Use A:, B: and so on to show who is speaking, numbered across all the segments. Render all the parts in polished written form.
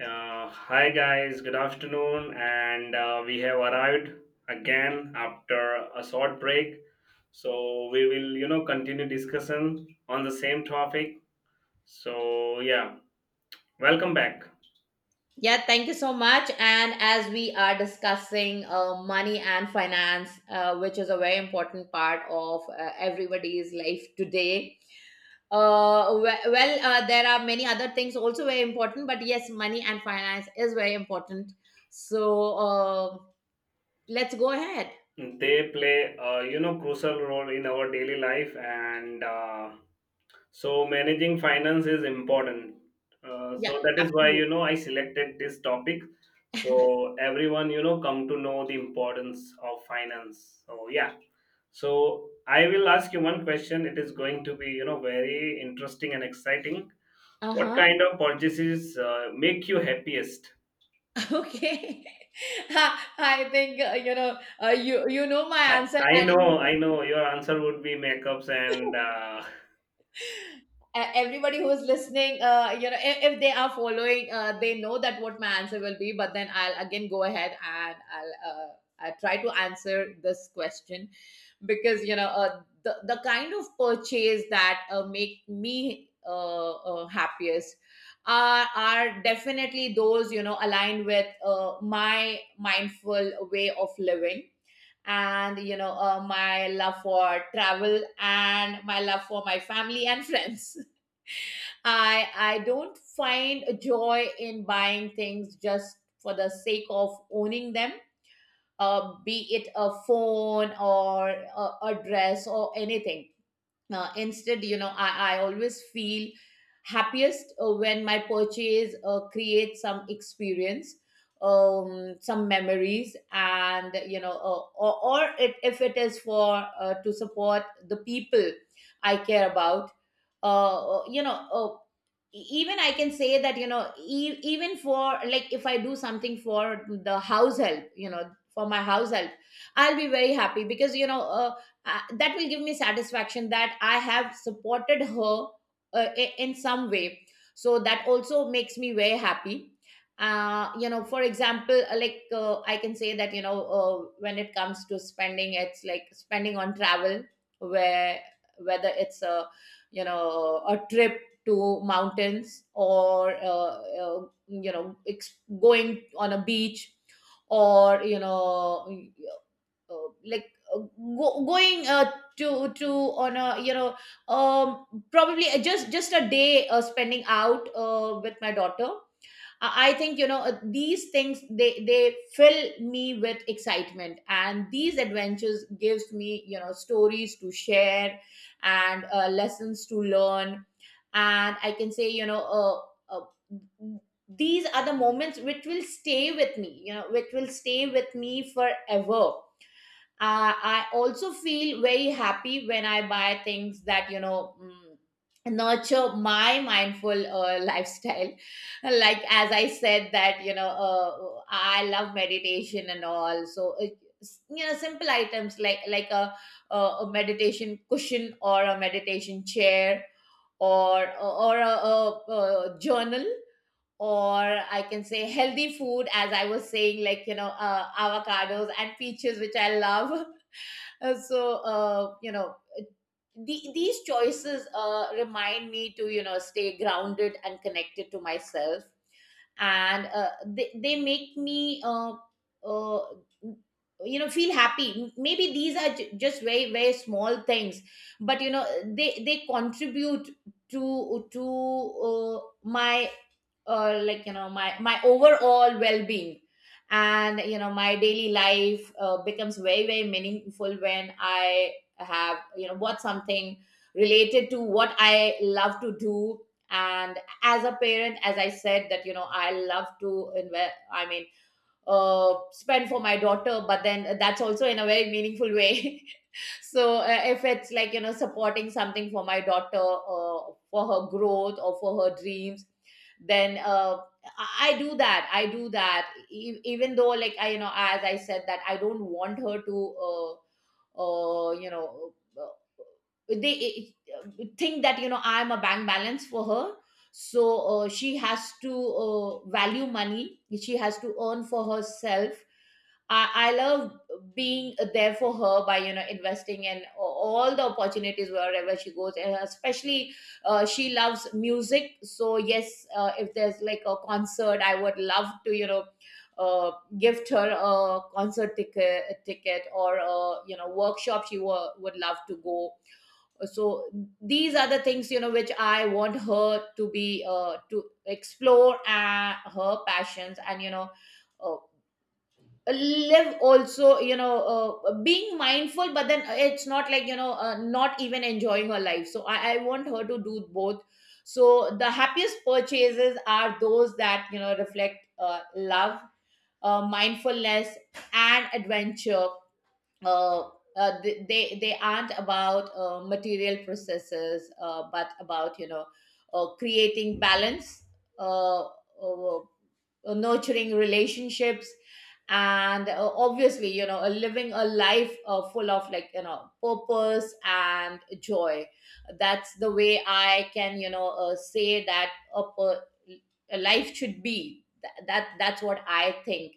A: Hi guys, good afternoon, and we have arrived again after a short break. So we will, you know, continue discussion on the same topic. So yeah, welcome back.
B: Yeah, thank you so much. And as we are discussing money and finance, which is a very important part of everybody's life today, there are many other things also very important, but yes, money and finance is very important. So let's go ahead.
A: They play, a you know, crucial role in our daily life, and so managing finance is important.
B: Yeah,
A: So that is why
B: absolutely.
A: you know I selected this topic. So everyone, you know, come to know the importance of finance. So yeah, so I will ask you one question. It is going to be, you know, very interesting and exciting.
B: Uh
A: What
B: huh.
A: kind of purchases make you happiest?
B: Okay. I think you know my
A: I,
B: answer,
A: I
B: and
A: know, I know. Your answer would be makeups, and
B: everybody who's listening if they are following they know that what my answer will be, but then I'll again go ahead and I try to answer this question because you know the kind of purchase that make me happiest are definitely those you know aligned with my mindful way of living, and you know my love for travel and my love for my family and friends. I don't find a joy in buying things just for the sake of owning them, be it a phone or a dress or anything. Uh, instead you know I always feel happiest when my purchase creates some experience, um, some memories, and you know or if it is for to support the people I care about. uh uh, you know uh, Even I can say that you know even for, like, if I do something for the house help, you know, for my house help, I'll be very happy because you know that will give me satisfaction that I have supported her in some way. So that also makes me very happy. Uh, you know, for example, I can say that, you know, when it comes to spending, it's like spending on travel, where whether it's a, you know, a trip to mountains, or you know going on a beach, or you know going to on a, you know, um, probably just a day spending out with my daughter. I think, you know, these things, they fill me with excitement, and these adventures gives me, you know, stories to share and lessons to learn. And I can say, you know, uh, these are the moments which will stay with me, you know, which will stay with me forever. Uh, I also feel very happy when I buy things that you know nurture my mindful lifestyle. Like, as I said, that you know I love meditation and all. So you know, simple items, like a a meditation cushion or a meditation chair, or a journal, or I can say healthy food, as I was saying, like, you know, avocados and peaches, which I love. You know, these choices remind me to, you know, stay grounded and connected to myself. And they make me, uh, you know, feel happy. Maybe these are just very, very small things, but, you know, they contribute to my my overall well-being. And you know my daily life becomes very, very meaningful when I have, you know, bought something related to what I love to do. And as a parent, as I said, that you know I love to invest, I mean, spend for my daughter, but then that's also in a very meaningful way. So if it's like, you know, supporting something for my daughter for her growth or for her dreams, then I do that. I do that. Even though, like, I, you know, as I said, that I don't want her to you know uh, they think that you know I am a bank balance for her, so she has to value money, she has to earn for herself. I love being there for her by, you know, investing in all the opportunities wherever she goes, and especially she loves music. So yes, if there's like a concert, I would love to, you know, uh, gift her a concert ticket, or a, you know, workshop she would love to go. So these are the things, you know, which I want her to be to explore her passions, and you know uh, live also, you know, being mindful, but then it's not like you know not even enjoying her life. So I want her to do both. So the happiest purchases are those that you know reflect love, mindfulness, and adventure. uh, they aren't about material processes, but about, you know, creating balance, uh, uh, nurturing relationships, and obviously, you know, living a life full of, like, you know, purpose and joy. That's the way I can, you know, say that a, per- a life should be. That that's what I think.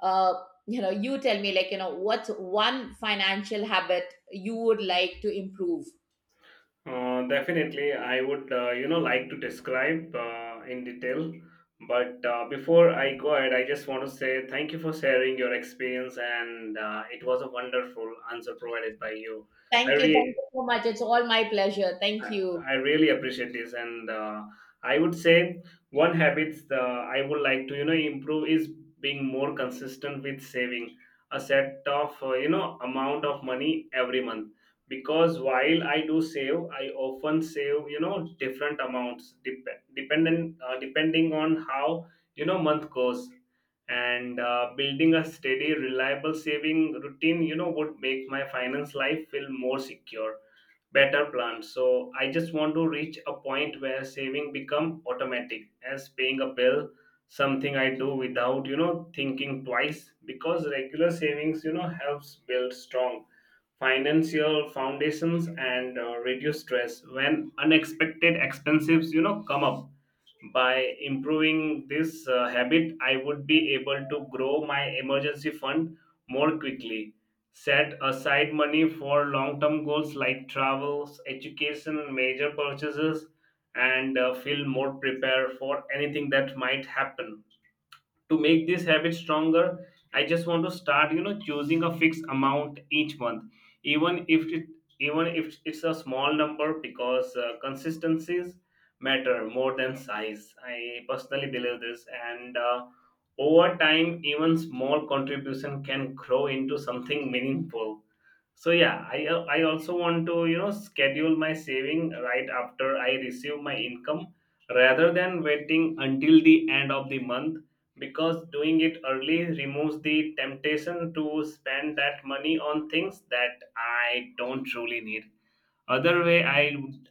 B: uh, you know, you tell me, like, you know, what's one financial habit you would like to improve.
A: definitely, I would, you know, like to describe in detail. But before I go ahead, I just want to say thank you for sharing your experience, and it was a wonderful answer provided by you. I,
B: Thank you, thank
A: re-
B: you so much, it's all my pleasure, thank you.
A: I really appreciate this, and I would say one habits the I would like to you know improve is being more consistent with saving a set of you know amount of money every month, because while I do save, I often save you know different amounts dep- dependent depending on how you know month goes. And building a steady reliable saving routine you know would make my finance life feel more secure, better plans. So I just want to reach a point where saving become automatic as paying a bill, something I do without, you know, thinking twice, because regular savings, you know, helps build strong financial foundations and reduce stress when unexpected expenses, you know, come up. By improving this habit, I would be able to grow my emergency fund more quickly, set aside money for long term goals like travels, education, major purchases, and feel more prepared for anything that might happen. To make this habit stronger, I just want to start you know choosing a fixed amount each month, even if it even if it's a small number, because consistencies matter more than size. I personally believe this, and over time even small contribution can grow into something meaningful. So yeah, I also want to you know schedule my saving right after I receive my income, rather than waiting until the end of the month, because doing it early removes the temptation to spend that money on things that I don't truly need. Other way, i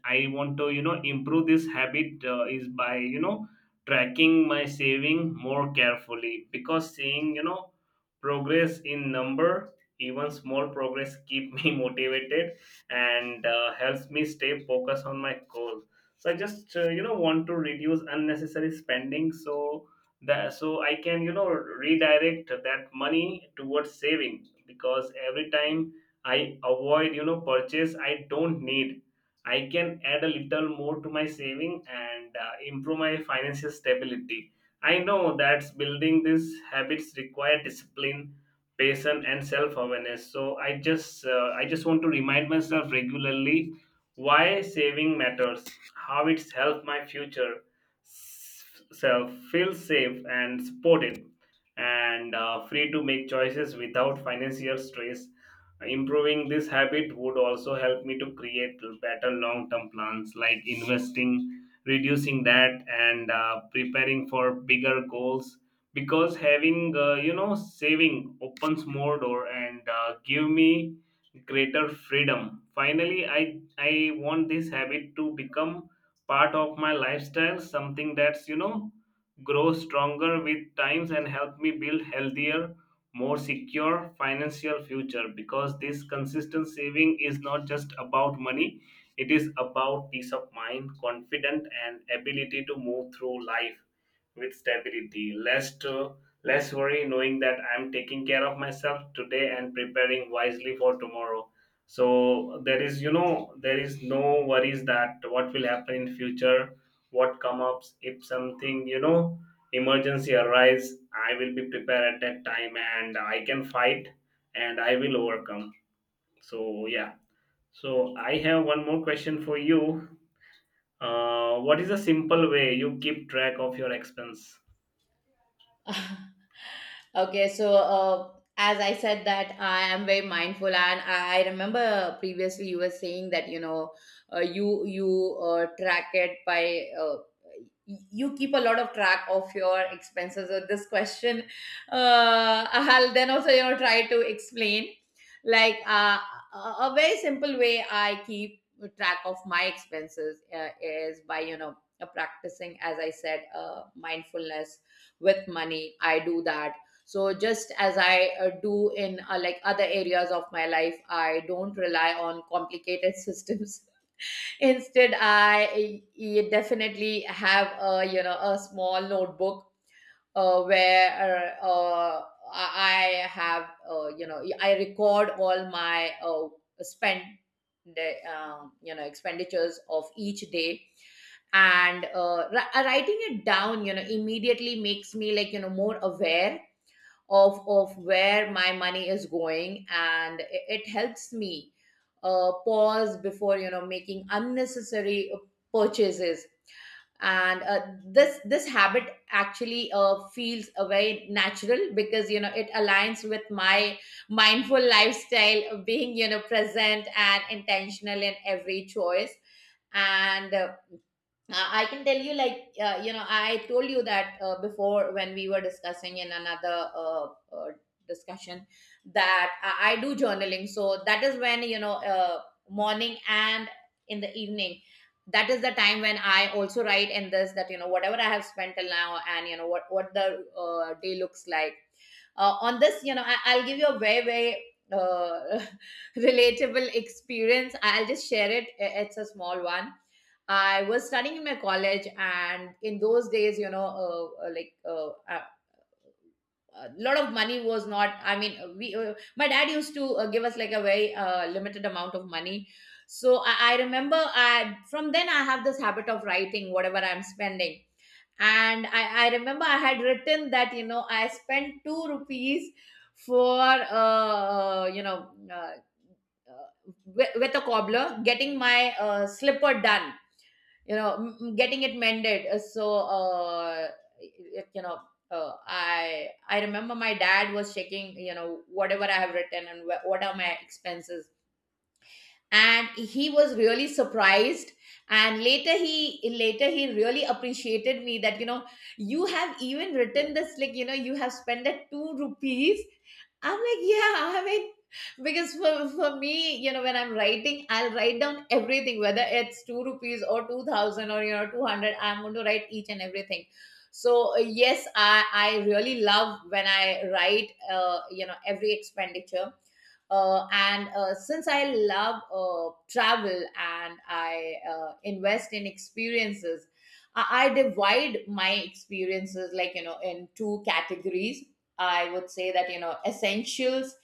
A: i want to you know improve this habit is by you know tracking my saving more carefully, because seeing you know progress in number, even small progress keep me motivated, and helps me stay focused on my goal. So I just you know want to reduce unnecessary spending so that, so I can you know redirect that money towards saving, because every time I avoid, you know, purchase I don't need, I can add a little more to my saving and improve my financial stability. I know that building these habits require discipline, patience, and self-awareness. So I just want to remind myself regularly why saving matters, how it's helped my future self feel safe and supported, and free to make choices without financial stress. Improving this habit would also help me to create better long term plans like investing, reducing debt, and preparing for bigger goals. Because having, you know, saving opens more door and give me greater freedom. Finally, I want this habit to become part of my lifestyle, something that's, you know, grow stronger with times and help me build healthier, more secure financial future, because this consistent saving is not just about money, it is about peace of mind, confident, and ability to move through life with stability, less worry, knowing that I'm taking care of myself today and preparing wisely for tomorrow. So there is you know there is no worries that what will happen in future, what come ups if something you know emergency arise, I will be prepared at that time and I can fight, and I will overcome. So yeah, so I have one more question for you. What is a simple way you keep track of your expense?
B: Okay, so as I said, that I am very mindful, and I remember previously you were saying that you know you track it by you keep a lot of track of your expenses. So this question, I'll then also, you know, try to explain, like, a a very simple way I keep track of my expenses is by, you know, practicing, as I said, mindfulness with money. I do that. So just as I do in, like, other areas of my life, I don't rely on complicated systems. Instead, I definitely have a, you know, a small notebook where I I have, you know, I record all my spend, you know, expenditures of each day, and writing it down, you know, immediately makes me, like, you know, more aware of where my money is going, and it helps me pause before, you know, making unnecessary purchases. And this habit actually feels very natural because you know it aligns with my mindful lifestyle of being, you know, present and intentional in every choice. And I can tell you, like, you know, I told you that before, when we were discussing in another uh, discussion, that I do journaling. So that is when, you know, morning and in the evening, that is the time when I also write in this that, you know, whatever I have spent till now and, you know, what the day looks like. On this, you know, I'll give you a very, very uh, relatable experience. I'll just share it. It's a small one. I was studying in my college, and in those days, you know, a lot of money was not. I mean, we my dad used to give us like a very limited amount of money. So I remember, I from then I have this habit of writing whatever I'm spending, and I remember I had written that, you know, I spent two rupees for with a cobbler getting my slipper done, you know, getting it mended. It, you know, I remember my dad was checking, you know, whatever I have written and what are my expenses. And he was really surprised, and later he really appreciated me that, you know, you have even written this, like, you know, you have spent that two rupees. I'm like, yeah, I mean, because for me, you know, when I'm writing, I'll write down everything whether it's two rupees or 2,000, or you know, 200, I'm going to write each and everything. So yes, I really love when I write you know, every expenditure and since I love travel and I invest in experiences, I divide my experiences, like, you know, in two categories. I would say that, you know, essentials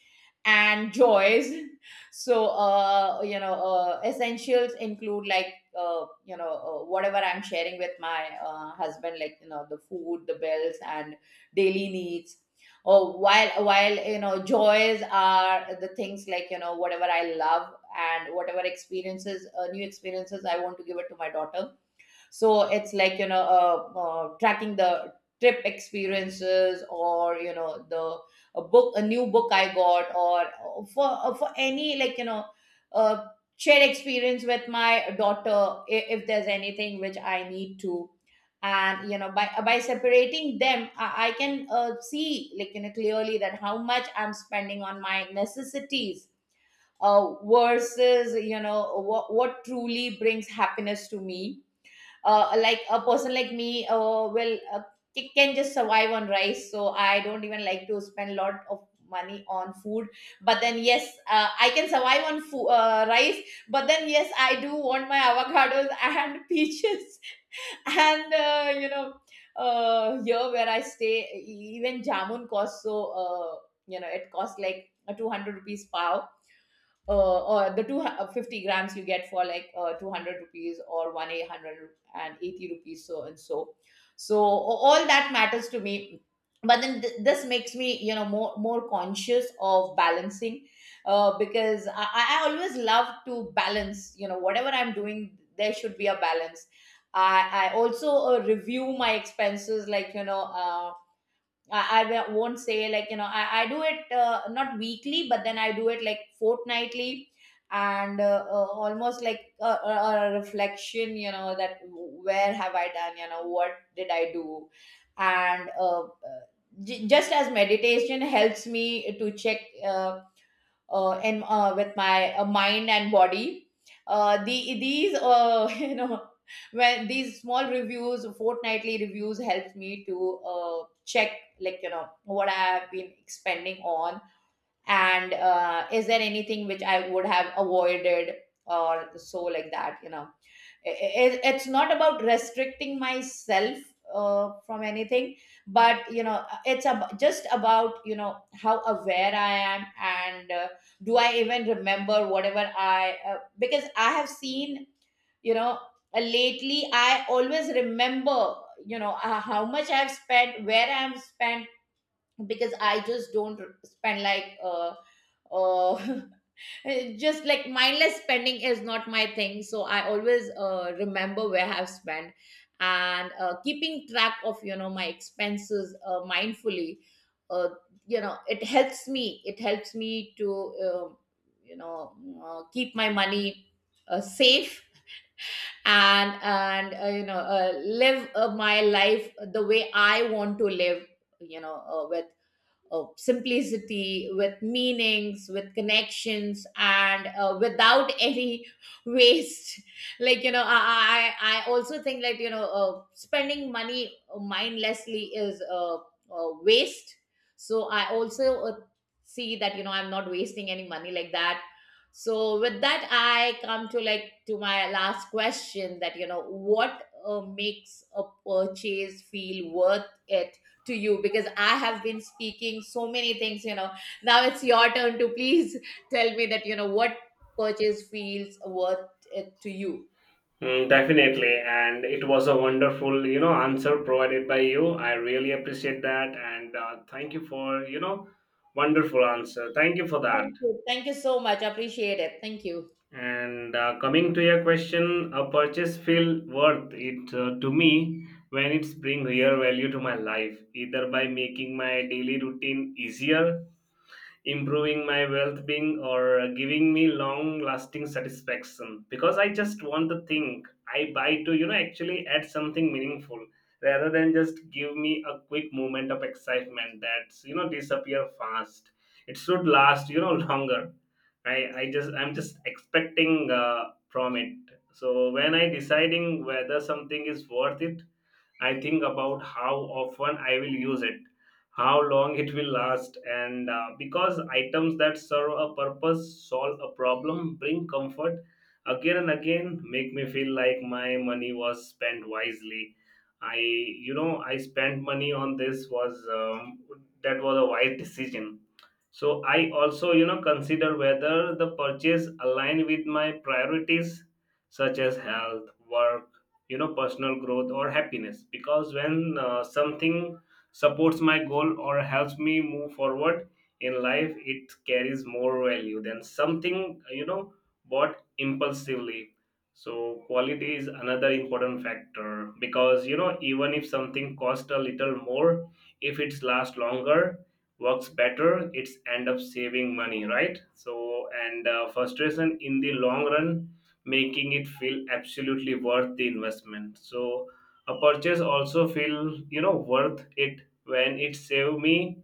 B: and joys. So, essentials include like, whatever I'm sharing with my husband, like, the food, the bills, and daily needs. Oh, while joys are the things, like, whatever I love, and whatever experiences, new experiences, I want to give it to my daughter. So it's like, tracking the trip experiences, or, you know the a book a new book I got, or for any, like, uh, shared experience with my daughter, if there's anything which I need to. And by by separating them, I can see, like, clearly, that how much I'm spending on my necessities, versus, what truly brings happiness to me. Like a person like me will can just survive on rice, so I don't even like to spend a lot of money on food. But then, yes, I can survive on rice. But then, yes, I do want my avocados and peaches. And, here where I stay, even jamun costs, so, uh, it costs like a 200 rupees pow. Or the two, 50 grams you get for, like, 200 rupees, or one, eight hundred and eighty rupees, so and so. So all that matters to me. But then this makes me, more conscious of balancing, because I always love to balance, whatever I'm doing there should be a balance. I also review my expenses, like, you know. I won't say, like, I do it, not weekly, but then I do it, like, fortnightly. And almost like a reflection, that, where have I done, what did I do. And just as meditation helps me to check, uh, and with my mind and body. These when these small reviews, fortnightly reviews, helps me to check, like, what I have been expending on, and is there anything which I would have avoided, or so, like that. I- it's not about restricting myself from anything, but just about, how aware I am, and do I even remember whatever I, because I have seen. you know Lately I always remember, how much I've spent, where I've spent, because I just don't spend like uh just, like, mindless spending is not my thing. So I always remember where I've spent, and keeping track of, my expenses, mindfully. Uh, it helps me. It helps me to uh, you know keep my money safe, and live my life the way I want to live. With simplicity, with meanings, with connections, and without any waste. Like, I also think that, spending money mindlessly is waste. So I also see that, I'm not wasting any money like that. So with that, I come to, like, to my last question, that, what makes a purchase feel worth it to you, because I have been speaking so many things. Now it's your turn to please tell me that, what purchase feels worth it to you.
A: Mm, definitely, and it was a wonderful you know answer provided by you. I really appreciate that, and thank you for you know wonderful answer, thank you for that.
B: Thank you. Thank you so much. I appreciate it. Thank you.
A: And coming to your question, a purchase feel worth it to me when it's bring real value to my life, either by making my daily routine easier, improving my well being, or giving me long lasting satisfaction. Because I just want the thing I buy to, you know, actually add something meaningful rather than just give me a quick moment of excitement that's, you know, disappear fast. It should last, you know, longer. I just I'm just expecting from it. So when I deciding whether something is worth it, I think about how often I will use it, how long it will last, and because items that serve a purpose, solve a problem, bring comfort again and again, make me feel like my money was spent wisely. I, you know, I spent money on this was that was a wise decision. So I also, you know, consider whether the purchase align with my priorities such as health, work, you know, personal growth or happiness, because when something supports my goal or helps me move forward in life, it carries more value than something you know bought impulsively. So quality is another important factor, because you know even if something costs a little more, if it's lasts longer, works better, it's end up saving money, right? So and frustration in the long run, making it feel absolutely worth the investment. So a purchase also feel you know worth it when it save me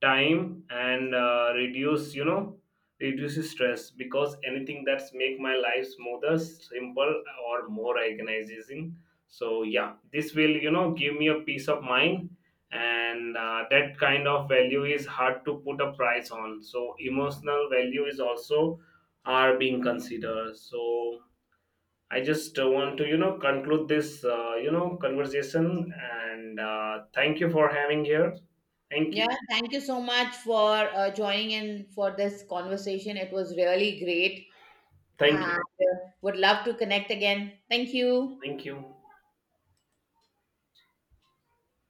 A: time and reduce you know reduces stress, because anything that's make my life smoother, simple, or more organizing. So yeah, this will you know give me a peace of mind, and that kind of value is hard to put a price on. So emotional value is also are being considered. So I just want to, you know, conclude this, you know, conversation, and thank you for having here. Thank
B: Yeah,
A: you.
B: thank you so much for joining in for this conversation. It was really great,
A: Thank
B: and
A: you.
B: would love to connect again. Thank you.
A: Thank you.